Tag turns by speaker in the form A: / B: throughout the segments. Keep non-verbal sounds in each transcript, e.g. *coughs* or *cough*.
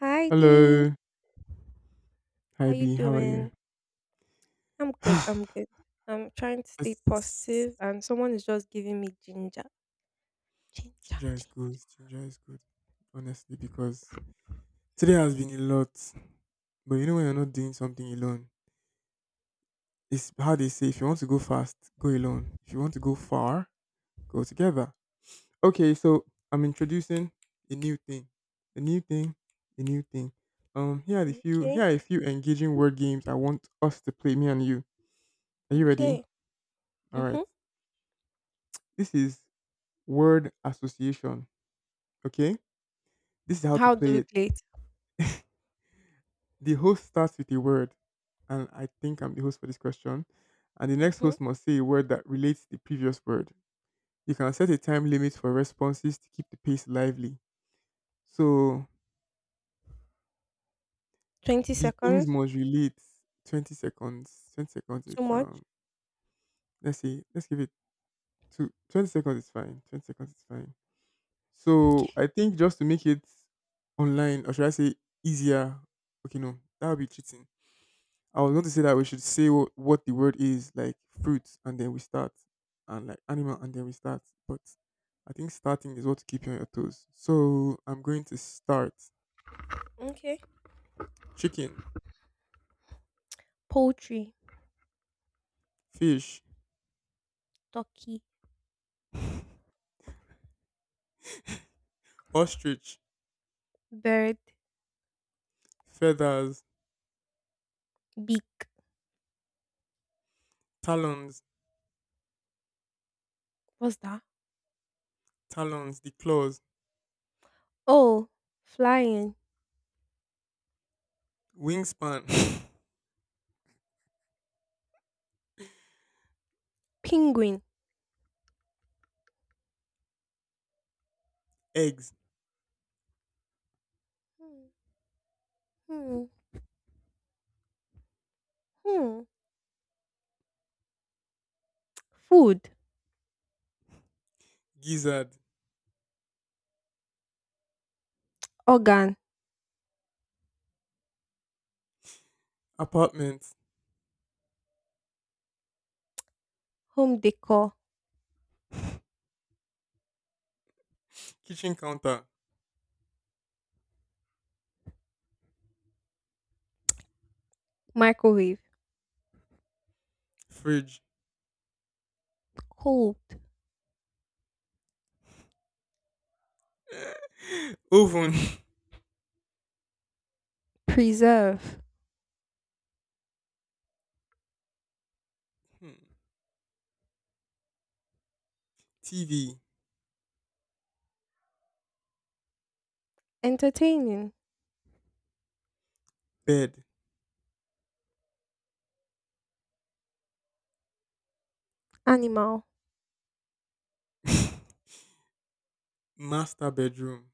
A: Hi Dee,
B: Hello. Hi
A: how you
B: B, how are you?
A: doing? I'm good,
B: *sighs*
A: I'm good. I'm trying to stay
B: It's-
A: positive and someone is just giving me ginger. Ginger,
B: Ginger is good.
A: ginger.
B: Ginger is good. Honestly, because today has been a lot. But you know when you're not doing something alone, it's how they say if you want to go fast, go alone. If you want to go far, go together. Okay, so I'm introducing a new thing. A new thing. A new thing. Here
A: Okay,
B: are a few engaging word games I want us to play, me and you. Are you ready?
A: okay.
B: Alright.
A: Mm-hmm.
B: This is word association. Okay? This is how to
A: How do
B: play
A: we
B: it.
A: play it?
B: The host starts with a word, and I think I'm the host for this question. And the next
A: Mm-hmm.
B: host must say a word that relates to the previous word. You can set a time limit for responses to keep the pace lively. So
A: 20
B: the things
A: seconds?
B: must relate 20 seconds. 20 seconds,
A: Too
B: it's,
A: much?
B: let's see, let's give it 20 seconds is fine. 20 seconds is fine. So
A: Okay,
B: I think just to make it online, or should I say easier? Okay, no, that would be cheating. I was going to say that we should say what the word is, like fruit, and then we start, and like animal, and then we start. But I think starting is what to keep you on your toes. So I'm going to start.
A: okay.
B: Chicken,
A: Poultry,
B: fish,
A: turkey,
B: *laughs* ostrich,
A: bird,
B: feathers,
A: beak.
B: talons,
A: What's that?
B: talons, the claws,
A: Oh, flying,
B: wingspan, *laughs*
A: penguin.
B: eggs,
A: Hmm, hmm, hmm. Food,
B: gizzard,
A: organ,
B: apartment,
A: home decor,
B: kitchen counter,
A: microwave,
B: fridge,
A: cold,
B: *laughs* oven,
A: preserve.
B: *laughs* TV,
A: Entertaining
B: bed,
A: animal.
B: *laughs* master bedroom.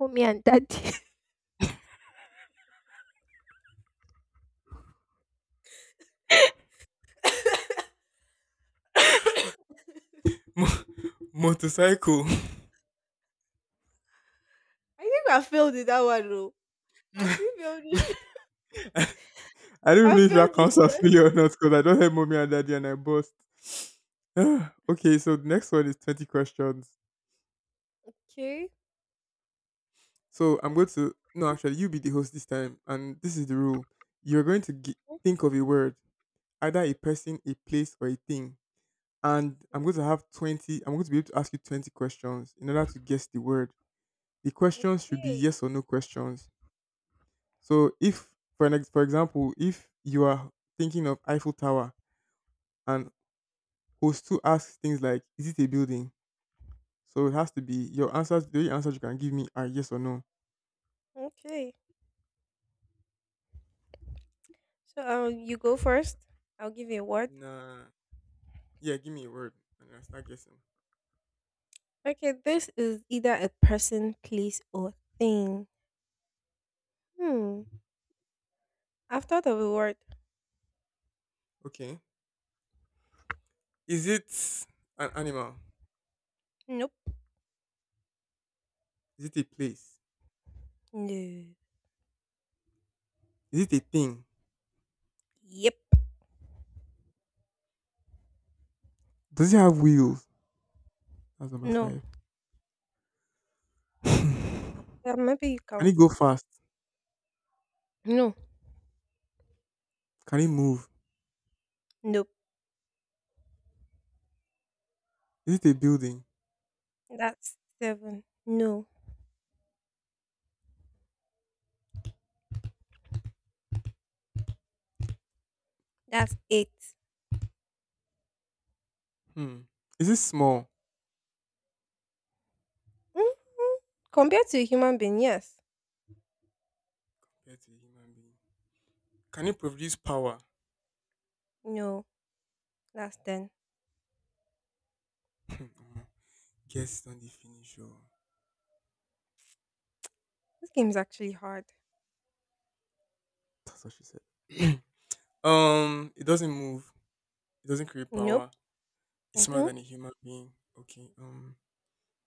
A: Oh, me and daddy. *laughs*
B: Mo- motorcycle.
A: I think I failed in that one though.
B: *laughs*
A: I
B: I
A: actually failed this. *laughs*
B: don't even
A: I
B: know if that
A: failed this
B: counts as
A: one.
B: failure or not because I don't have mommy and daddy and I bust. *sighs* Okay, so the next one is 20 questions.
A: Okay.
B: So I'm going to, no, actually, you be the host this time. And this is the rule. You're going to gi- Think of a word, either a person, a place, or a thing. And I'm going to have 20, I'm going to be able to ask you 20 questions in order to guess the word. The questions should be
A: Okay.
B: yes or no questions. So if, for, for example, if you are thinking of Eiffel Tower, and host two asks things like, "Is it a building?" So it has to be your answers. The only answers you can give me are yes or no.
A: Okay. So you go first. I'll give you a word.
B: Nah. Yeah, give me a word and I start guessing.
A: Okay, this is either a person, place or thing. Hmm. I've thought of a word.
B: Okay. Is it an animal?
A: Nope.
B: Is it a place?
A: No.
B: Is it a thing?
A: Yep.
B: Does it have wheels? That's number
A: No.
B: five. *laughs* Can
A: Maybe you
B: it
A: count
B: go
A: it.
B: fast?
A: No.
B: Can it move?
A: Nope.
B: Is it a building?
A: That's seven. No. That's eight.
B: Hmm. Is it small?
A: Mm, compared to a human being, yes.
B: Compared to a human being. Can it produce power?
A: No, that's 10.
B: *laughs* Guess don't dey finish. Oh.
A: This game is actually hard.
B: That's what she said. *clears throat* It doesn't move. It doesn't create
A: Nope.
B: power. It's smaller
A: Mm-hmm.
B: than a human being. Okay.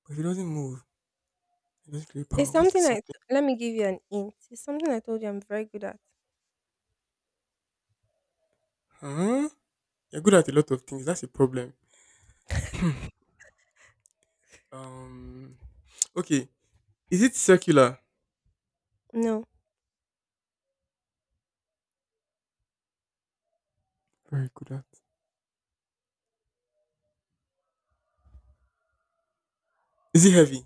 B: But if it doesn't move, it doesn't create
A: It's
B: power. What is
A: something I,
B: something?
A: let me give you an hint. It's something I told you I'm very good at.
B: Huh? You're good at a lot of things. That's a problem. *laughs* *clears throat* Um, okay. Is it circular?
A: No.
B: Very good at. Is it heavy?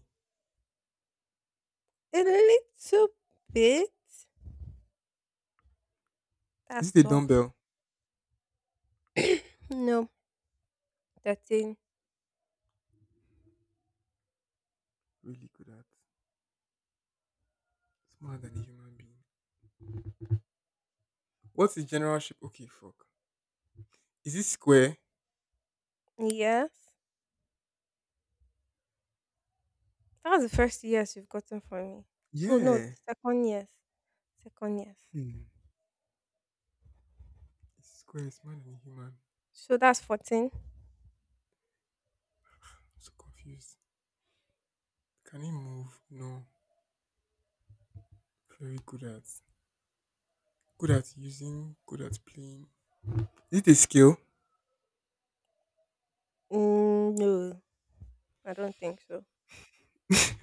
A: A little bit.
B: Is
A: That's
B: it a
A: 12.
B: dumbbell?
A: *coughs* *clears throat* no. 13.
B: Really good at. Smaller than a human being. What's the general shape? Okay, fuck. Is it square?
A: Yes. That's the first yes you've gotten from me. Oh, no.
B: Yeah.
A: Second yes. Second yes.
B: Hmm. It's square. It's smaller than a human. I'm
A: So that's 14?
B: so confused. Can it move? No. Very good at. Good at using, good at playing. Is it a skill?
A: Mm, no. I don't think so.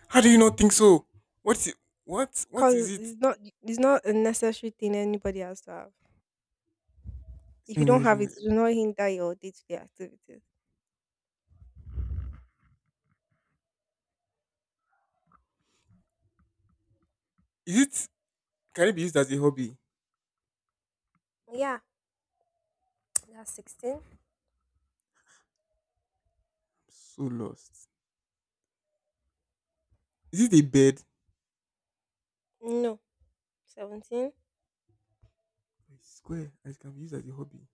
B: How do you not think so? What's it, what is
A: 'Cause
B: it?
A: it's not a necessary thing anybody has to have. If you don't
B: Is
A: have it, it will not hinder your day-to-day activities.
B: it can it be used as a hobby? I'm
A: Yeah, that's 16.
B: so lost. Is it a bed?
A: No, 17.
B: I swear, it can be used as a hobby.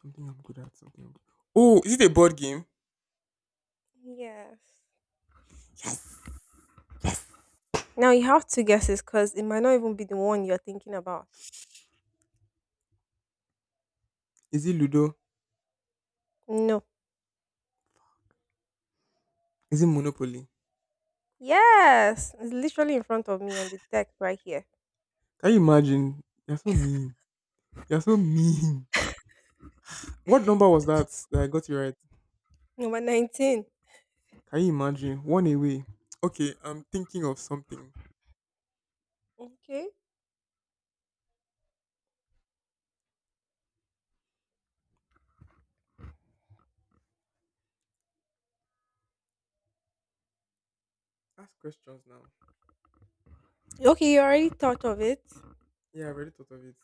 B: Something I'm good at. Something. I'm good. Oh, is it a board game?
A: Yes.
B: Yes.
A: Now you have two guesses because it might not even be the one you're thinking about.
B: Is it Ludo?
A: No.
B: Is it Monopoly?
A: Yes, it's literally in front of me on the deck right here.
B: Can you imagine? You're so mean. You're so mean. What number was that that I got you right?
A: Number 19.
B: Can you imagine? One away. Okay, I'm thinking of something.
A: Okay.
B: Ask questions now.
A: Okay, you already thought of it.
B: Yeah, I already thought of it.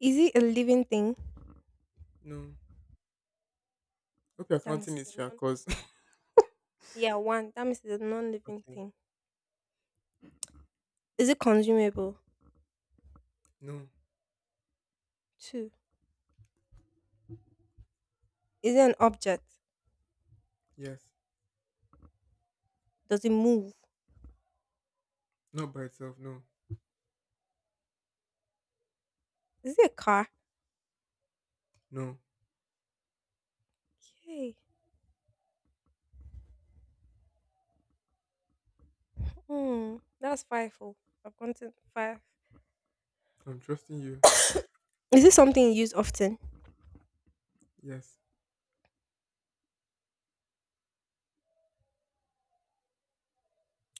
A: Is it a living thing?
B: No. Hope you're
A: That means
B: counting
A: it's
B: it,
A: a
B: Sha,
A: non
B: cause *laughs*
A: Yeah, 1. That means it's a non-living
B: okay.
A: thing. Is it consumable?
B: No.
A: 2. Is it an object?
B: Yes.
A: Does it move?
B: Not by itself. No.
A: Is it a car?
B: No.
A: Okay. Hmm. That's five. Oh, I've gotten five.
B: I'm trusting you.
A: Is it something you use often?
B: Yes.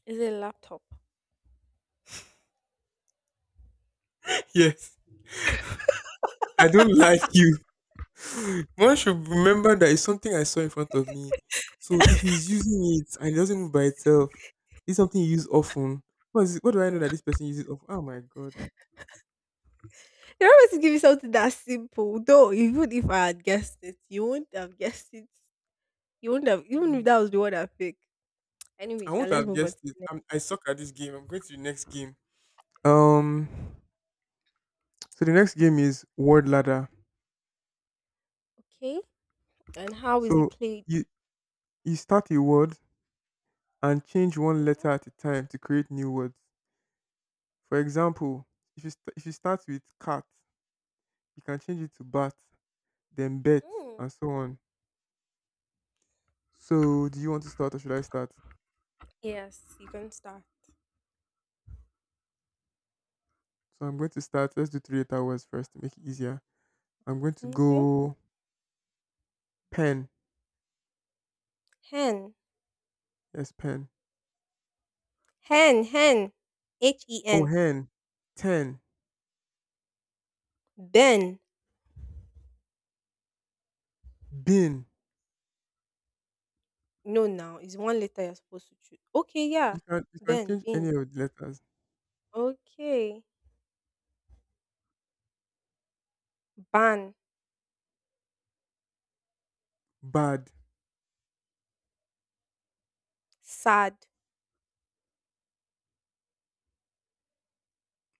A: Is it a laptop?
B: *laughs* Yes. I don't like you. *laughs* One should remember that it's something I saw in front of me. So if he's using it and it doesn't move by itself, it's something you use often. What is it? What do I know that this person uses often? Oh my god. *clears throat*
A: You are always to give me something that simple. Though, even if I had guessed it, you wouldn't have guessed it. You wouldn't have, even if
B: Mm.
A: that was the word I picked.
B: I
A: Anyway, shall
B: won't
A: let's
B: have
A: move on to
B: guessed it.
A: the next.
B: I suck at this game. I'm going to the next game. Um. So the next game is word ladder.
A: Okay. And how is it
B: So
A: played?
B: you You start a word and change one letter at a time to create new words. For example, if you start with cat, you can change it to bat, then bet,
A: Mm-hmm.
B: and so on. So, do you want to start or should I start?
A: Yes, you can start.
B: So, I'm going to start. Let's do three letter words first to make it easier. I'm going to
A: Okay.
B: go pen.
A: Hen.
B: Yes, pen.
A: Hen. Hen. H E
B: Oh,
A: N.
B: hen. Ten.
A: Ben.
B: Bin.
A: No, now it's one letter you're supposed to choose. Okay,
B: You
A: yeah.
B: can you can
A: Ben,
B: change any
A: bin.
B: of the letters.
A: Okay. Ban,
B: Bad.
A: sad,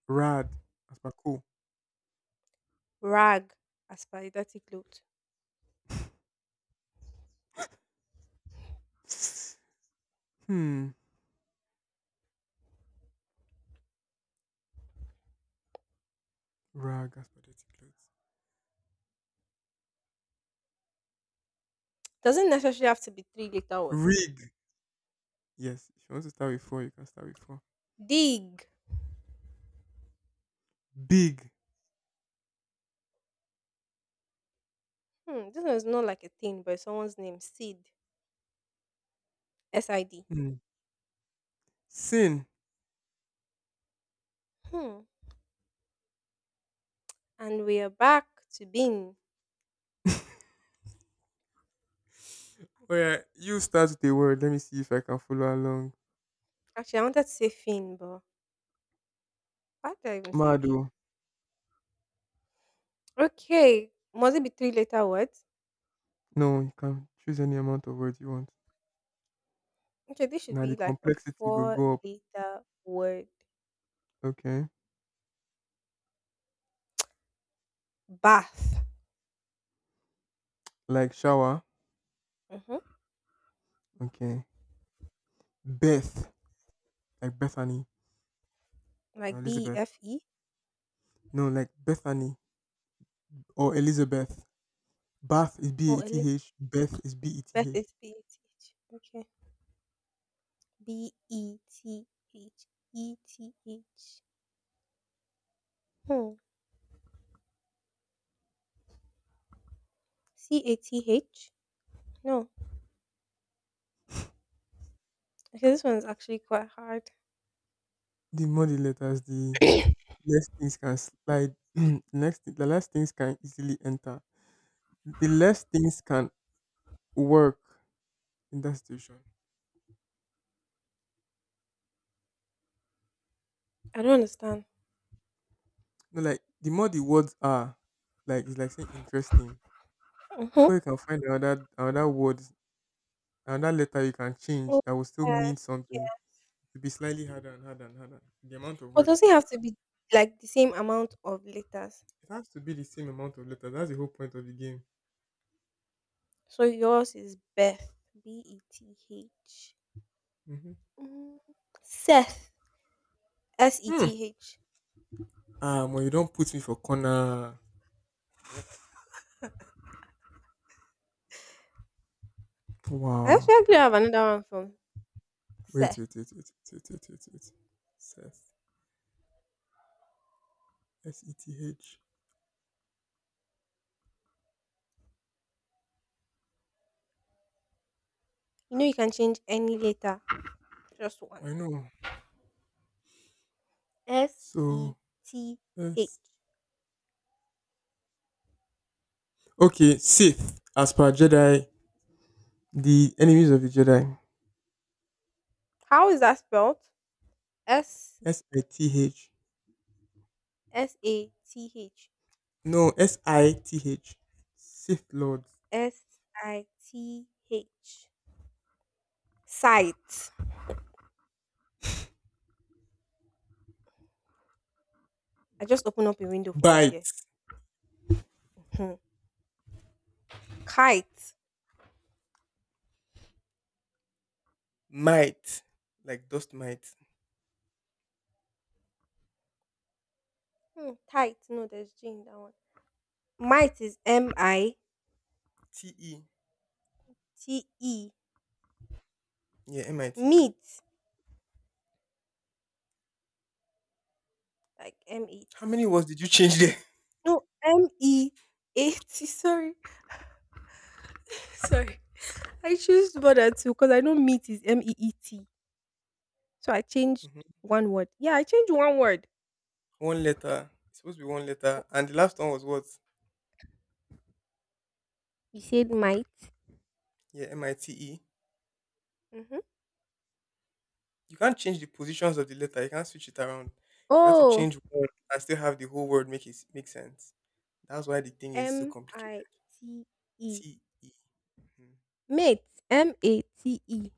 B: Rad. As per cool.
A: rag, asperidatic load.
B: *sniffs* Hmm. Rag as per dirty clothes.
A: Doesn't necessarily have to be three letter words.
B: Rig. Yes, if you want to start with four, you can start with four.
A: Dig.
B: Big.
A: Hmm, this one is not like a thing, but it's someone's name. Sid. S I D.
B: Hmm. Sin.
A: Hmm. And we are back to bin.
B: *laughs* Oh yeah, you start with a word. Let me see if I can follow along.
A: Actually, I wanted to say fin, but why did I even say bin?
B: Mado.
A: Okay. Must it be three letter words?
B: No, you can choose any amount of words you want.
A: Okay, this should
B: Now the
A: be like a
B: complexity will
A: four
B: go up.
A: letter word.
B: Okay.
A: Bath.
B: Like shower.
A: Mhm.
B: Okay. Beth. Like Bethany. Or
A: Like
B: Elizabeth.
A: B-E-F-E
B: No, like Bethany or Elizabeth. Bath is B A
A: or L A?
B: T H. Beth is B E
A: Beth
B: T H.
A: is BETH. Okay. B-E-T-H. E-T-H. Hmm. C-A-T-H? No. Okay, this one's actually quite hard.
B: The more the letters, the less things can slide. *clears throat* The less things can easily enter. The less things can work in that situation.
A: I don't understand.
B: No, like the more the words are, like it's like saying interesting.
A: Mm-hmm.
B: Before you can find another word, another letter you can
A: Oh,
B: change that will still mean
A: yes. Yeah.
B: something. To be slightly harder and harder and harder. The amount of
A: But
B: words.
A: does it have to be like the same amount of letters?
B: It has to be the same amount of letters. That's the whole point of the game.
A: So yours is Beth. B-E-T-H.
B: Hmm
A: Mm. Seth.
B: Hmm.
A: S-E-T-H.
B: Ah, well, you don't put me for corner.
A: I
B: Wow.
A: actually have another one from
B: Wait,
A: Seth.
B: wait, wait, wait, wait, wait, wait, wait, wait. Seth. S E T H.
A: You know you can change any letter Just one.
B: I know.
A: S E
B: So
A: T H.
B: S. Okay, Sith. As per Jedi, the enemies of the Jedi.
A: How is that spelled? S
B: Sith.
A: S A T H.
B: No, Sith. Sith Lord.
A: SITH. Sight. I just opened up a window for us here.
B: Bite.
A: Mhm. Kite.
B: Might. Like dust might.
A: Hmm, tight. No, there's G in that one. Might is M I
B: T E.
A: T E.
B: Yeah, mite.
A: Meat. Like M A
B: How
A: T
B: many
A: E.
B: words did you change there? *laughs*
A: No, MEAT. Sorry. *laughs* Sorry. I choose to bother too because I know meat is MEET. So I changed
B: Mhm.
A: one word. Yeah, I changed one word.
B: One letter. It's supposed to be one letter.
A: Oh,
B: And the last one was what?
A: you said might.
B: Yeah, mite.
A: Mhm.
B: You can't change the positions of the letter. You can't switch it around. You have to
A: Oh,
B: change one and still have the whole word make it make sense. That's why the thing is so
A: M I
B: complicated.
A: T E.
B: T E. Mhm.
A: Mate. M A T E.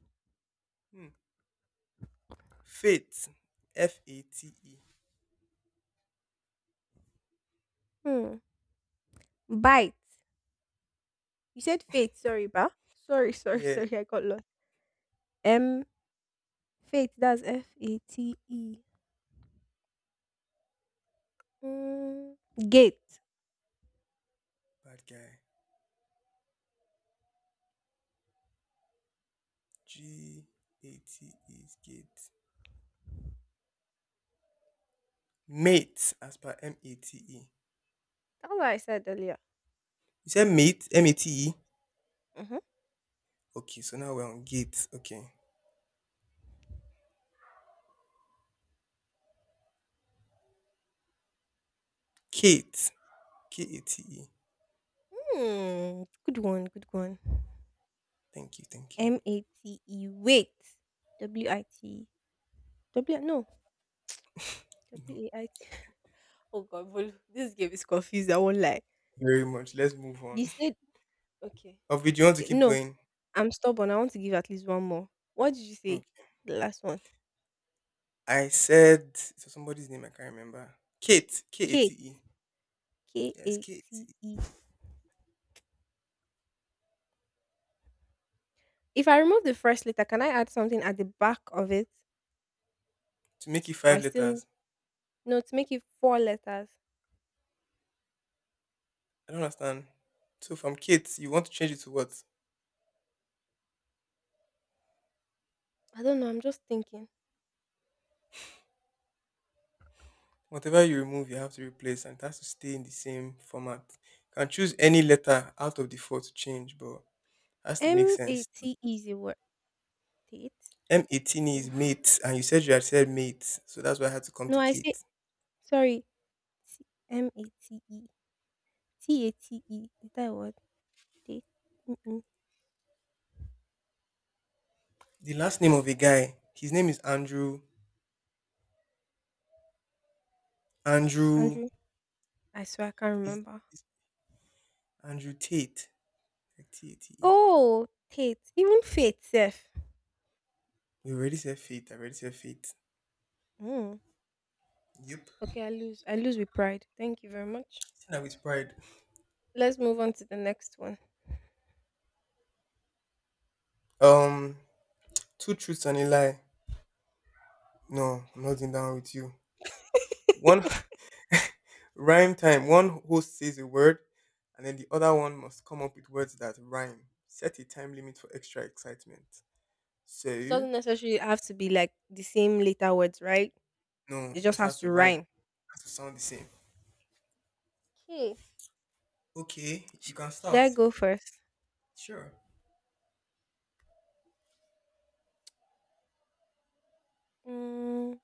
B: Hmm. Fate. F A T E.
A: Hmm. Bite. You said fate. Sorry, ba. Sorry, *laughs*
B: Yeah,
A: sorry. I got lost. M. Fate. That's FATE. Hmm. Gate.
B: bad guy. gate is gate. Mate, as per mate.
A: That's what I said earlier.
B: You said mate, M A T E.
A: Mhm.
B: Okay, so now we're on gate. Okay, Kate, K A T E.
A: Hmm. Good one. Good one.
B: Thank you, thank you.
A: MATE. Wait. W I T. E. W no
B: No,
A: WAIT. E. Oh God, Bolu, *laughs* this game is confused. I won't lie.
B: very much. Let's move on.
A: You
B: *laughs*
A: said okay,
B: Of you want to
A: okay.
B: keep
A: No,
B: going?
A: I'm stubborn. I want to give at least one more. What did you say? The last one.
B: I said so somebody's name I can't remember. Kate. K A
A: K
B: T E.
A: K
B: Yes,
A: A
B: Kate.
A: T E. If I remove the first letter, can I add something at the back of it?
B: To make it
A: Or
B: five
A: I still need,
B: letters.
A: no to make it four letters.
B: I don't understand. So from Kate, you want to change it to what?
A: I don't know. I'm just thinking.
B: Whatever you remove, you have to replace and it has to stay in the same format. You can choose any letter out of the four to change, but it has to make
A: M A
B: sense.
A: T E is a word. Tate?
B: M 18
A: N-
B: is mate, and you said you had said mate, so that's why I had to come
A: No,
B: to
A: I say
B: Kate.
A: sorry. MATE TATE is that a word? Tate? Mm-mm.
B: The last name of a guy, his name is Andrew. Andrew
A: Andrew, I swear I can't
B: is
A: remember.
B: Andrew Tate. Like Tate.
A: Oh, Tate. Even Faith sef.
B: You already said faith. I already said faith.
A: Mm.
B: Yep.
A: Okay, I lose. I lose with pride. Thank you very much.
B: Seen that with pride.
A: Let's move on to the next one.
B: Um, two truths and a lie. No, I'm not in down with you. One
A: *laughs*
B: *laughs* rhyme time. One host says a word, and then the other one must come up with words that rhyme. Set a time limit for extra excitement.
A: It
B: So,
A: doesn't necessarily have to be like the same later words, right?
B: no,
A: It just
B: just
A: has
B: has to
A: to
B: rhyme.
A: rhyme.
B: Has to sound the same.
A: Okay.
B: Okay, you can
A: Should
B: start.
A: I go first?
B: Sure.
A: Mm,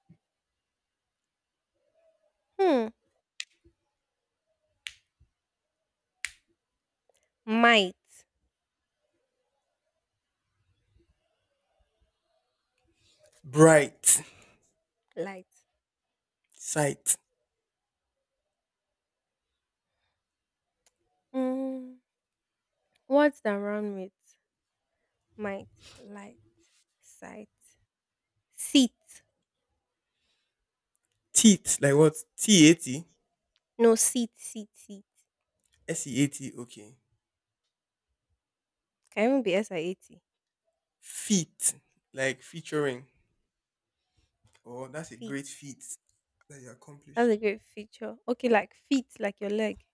A: hmm. Might.
B: Bright.
A: Light.
B: Sight.
A: Mm, words that rhyme with might, light, sight. Seat.
B: Teeth. Like what? T A T.
A: No, seat, seat, seat.
B: seat. Okay.
A: Can even be SIAT.
B: Feet. Like featuring. Oh, that's a
A: Feet.
B: great feat that you
A: That's a
B: accomplished.
A: great feature. Okay, like feet, like your leg.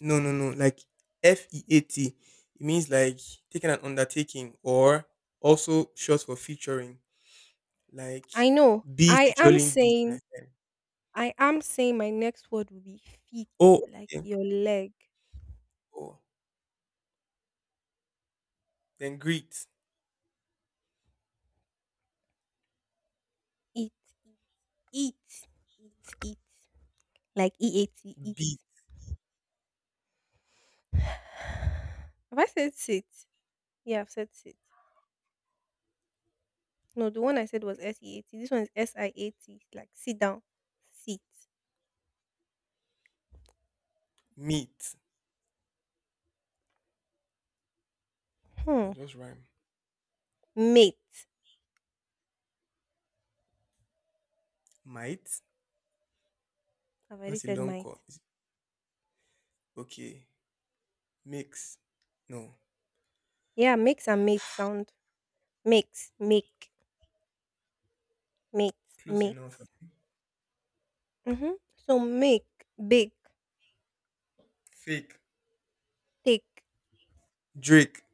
B: No, no, no. Like feat. It means like taking an undertaking or also short for featuring. Like
A: I know.
B: B featuring D. Like that.
A: I am saying my next word will be feet,
B: Oh,
A: like
B: okay.
A: your leg.
B: Oh. Then greet.
A: Eat, eat, eat, eat. Like E-A-T, eat.
B: B
A: *sighs* Have I said sit? Yeah, I've said sit. No, the one I said was S-E-A-T. This one is S-I-A-T. Like sit down, sit.
B: meet.
A: Hmm.
B: That just rhyme.
A: Mate.
B: Might.
A: I've already
B: That's a
A: said
B: long
A: mate.
B: call. Okay. Mix. No.
A: Yeah, makes and mate sound. Makes, make, mate,
B: Close enough.
A: makes. Mhm. So make, bake,
B: Fake.
A: take,
B: Drake.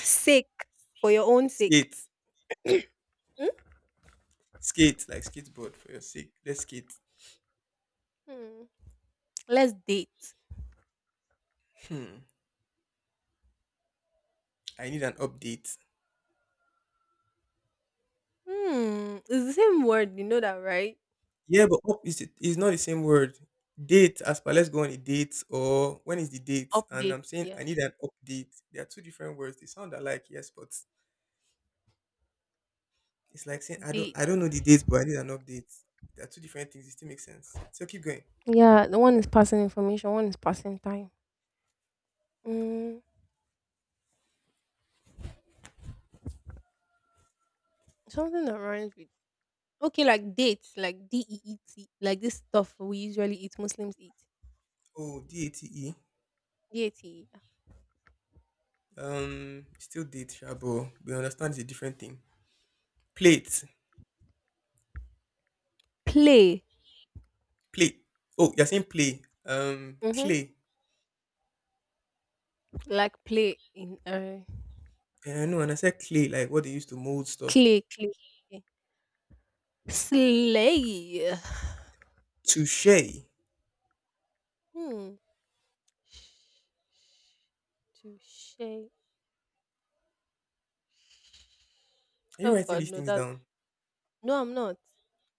A: sick for your own sake.
B: Skate. Skate. Like skateboard for your sake. Let's skate.
A: Mhm. Let's date.
B: Hmm. I need an update.
A: Hmm. It's the same word, you know that, right?
B: Yeah, but up is not the same word. Date, as per let's go on a date, or when is the date? And
A: Update,
B: I'm saying I
A: yes.
B: need an update. They are two different words. They sound alike, yes, but it's like saying I don't
A: Update.
B: I don't know the date, but I need an update. They are two different things. It still makes sense. So keep going.
A: Yeah, the one is passing information, one is passing time. Mm, something that rhymes with okay, like dates, like DEET, like this stuff we usually eat. Muslims eat.
B: Oh, date.
A: D-A-T-E. Yeah.
B: Still date, sure, but we understand it's a different thing. Plate,
A: Play.
B: plate. Oh, you're saying play.
A: Mm-hmm.
B: Clay.
A: Like play in
B: And I know, and I said clay, like what they used to mold stuff.
A: clay, clay. Okay. Slay.
B: Touche.
A: Hmm. Sh sh touche.
B: Are you
A: Oh
B: writing
A: God,
B: these
A: no,
B: things
A: that's
B: down?
A: no, I'm not.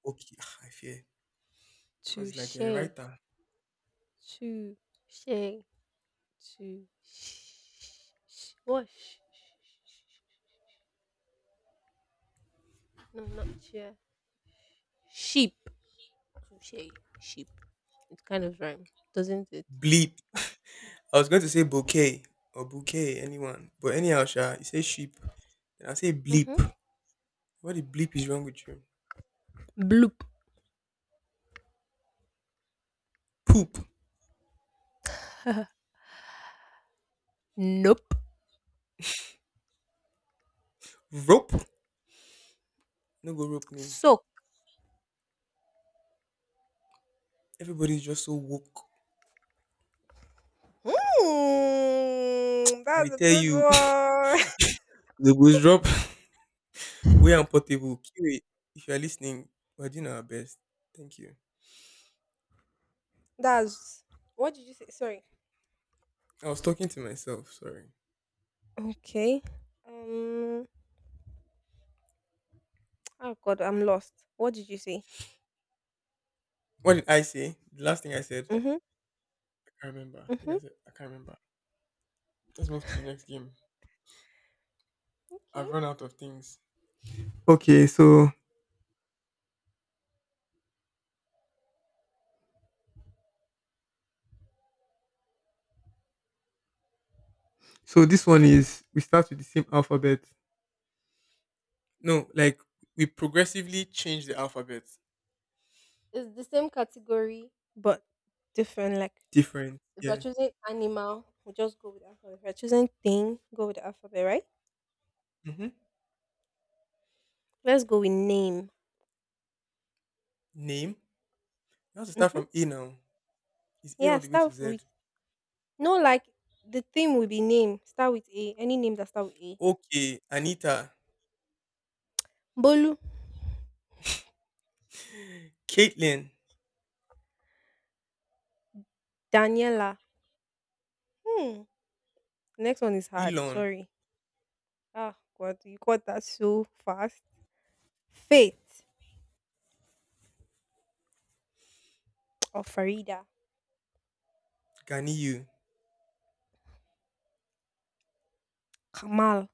B: Okay, *sighs* I fear because like
A: Touche,
B: you're a writer.
A: touche, touche. What? Sh- sh- sh- sh- sh- No, not chair. Sheep. Touche, sheep. It kind of rhyme, doesn't it?
B: Bleep. I was going to say bouquet or bouquet, anyone, but anyhow, Sha, you say sheep, and I say bleep.
A: Mm-hmm.
B: What the bleep is wrong with you?
A: Bloop.
B: Poop,
A: *laughs* Nope.
B: rope. No go rope me.
A: Soak.
B: Everybody's just so woke.
A: Hmm,
B: I dey
A: that's a
B: tell
A: good
B: you,
A: one. *laughs*
B: *laughs* the goes drop. We are portable. QA. If you are listening, we're doing our best. Thank you.
A: That's What did you say? Sorry.
B: I was talking to myself. Sorry.
A: Okay. Um. Oh God, I'm lost. What did you say?
B: What did I say? The last thing I said,
A: Mhm.
B: I can't remember. I think I
A: Mhm.
B: said I can't remember. Let's move to the next game.
A: Okay.
B: I've run out of things. Okay, so this one is we start with the same alphabet. No, like we progressively change the alphabet.
A: It's the same category. But different. Like
B: Different.
A: if you're
B: Yeah.
A: choosing animal, we'll just go with alphabet. If you're choosing thing, go with the alphabet, right?
B: Mm-hmm.
A: Let's go with name.
B: Name. You have to start
A: Mhm.
B: from A now. It's A all
A: Yeah.
B: the way to
A: Start
B: Z.
A: with no. Like the theme will be name. Start with A. Any name that start with A.
B: Okay, Anita,
A: Bolu.
B: Caitlin,
A: Daniela. Hmm. Next one is hard.
B: Elon,
A: Sorry. Ah God, you got that so fast. Faith, or Farida,
B: Ganiyu.
A: Kamal.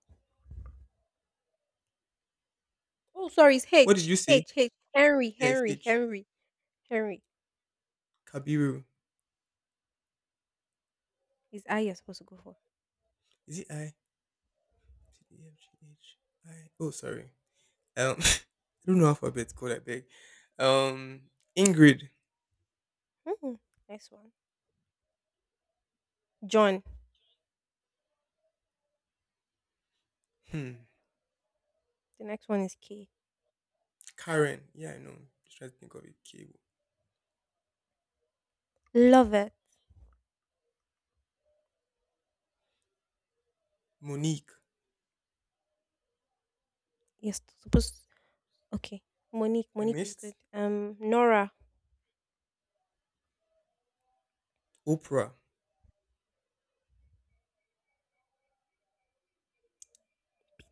A: Oh, sorry, it's
B: What did
A: H.
B: you say?
A: H, H. Henry,
B: Yes,
A: Henry,
B: H.
A: Henry, Henry.
B: Kabiru.
A: Is I you're supposed to go for.
B: Is it I? C, D, E, F, G, H, I. Oh, sorry. *laughs* I don't know alphabet code. I beg. Um, Ingrid.
A: Hmm. Next one. John.
B: Hmm.
A: The next one is K.
B: Karen. Yeah, I know. Just trying to think of a K.
A: Love it.
B: Monique.
A: You're supposed Okay. Monique.
B: I
A: Monique is
B: missed.
A: good. Nora.
B: Oprah.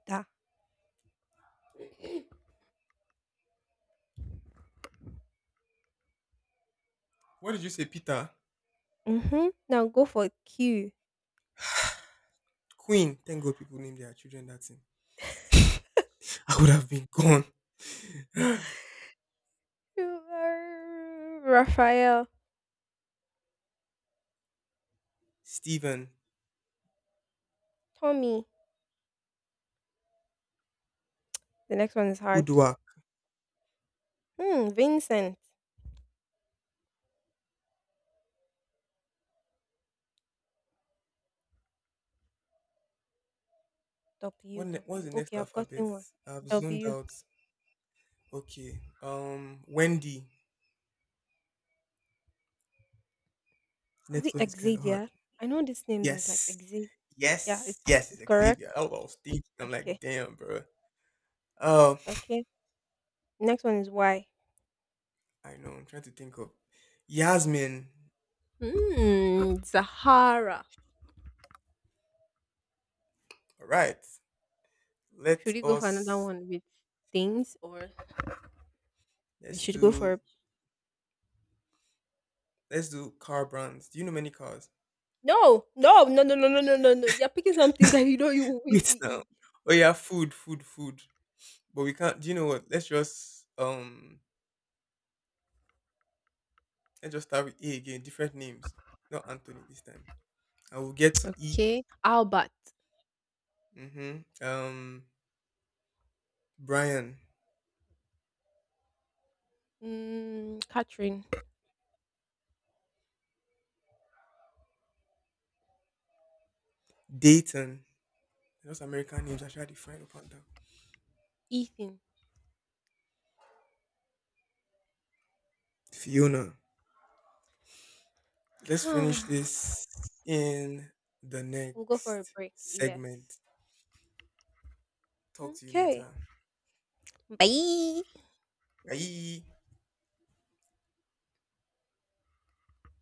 A: Da.
B: What did you say, Peter?
A: Mm-hmm. Now go for Q.
B: Queen. Thank God people name their children that thing. I would have been gone. *sighs*
A: Q. Are Raphael.
B: *laughs* Stephen.
A: Tommy. The next one is hard.
B: Udwak.
A: Hmm. Vincent. W.
B: What's
A: W.
B: the next
A: Okay, I've
B: alphabet?
A: gotten one.
B: I've zoned
A: W.
B: out. Okay. Wendy.
A: Is
B: Next
A: it
B: one is kind of hard.
A: Exadia? I know this name that's like
B: Yes.
A: Exid. Yeah,
B: Yes. Yes,
A: it's
B: it's
A: correct.
B: Xavier. That's what I was thinking. I'm
A: Okay.
B: like, damn, bro. Um,
A: Okay. Next one is why.
B: I know. I'm trying to think of Yasmin.
A: Hmm, Zahara.
B: All right. Let
A: Should we go for another
B: us
A: one with things or we
B: let's
A: should go
B: do
A: for
B: let's do car brands. Do you know many cars?
A: No, no, no, no, no, no, no, no, no. You're picking something *laughs* that you know you will win
B: Wait now.
A: me
B: Oh yeah, food, food, food. But
A: in.
B: we can't.
A: Ehe.
B: Do you know what? Let's just start with A again. Different names. Not Anthony this time. I will get to E.
A: Okay. Albert.
B: Mm-hmm. Brian,
A: Mm, Catherine.
B: Dayton. Those American names I try to find upon them.
A: Ethan.
B: Fiona. Let's finish
A: *sighs*
B: this in the
A: We'll go for a
B: next
A: break.
B: segment.
A: Yes.
B: Talk to you
A: Okay.
B: later.
A: Bye.
B: Bye.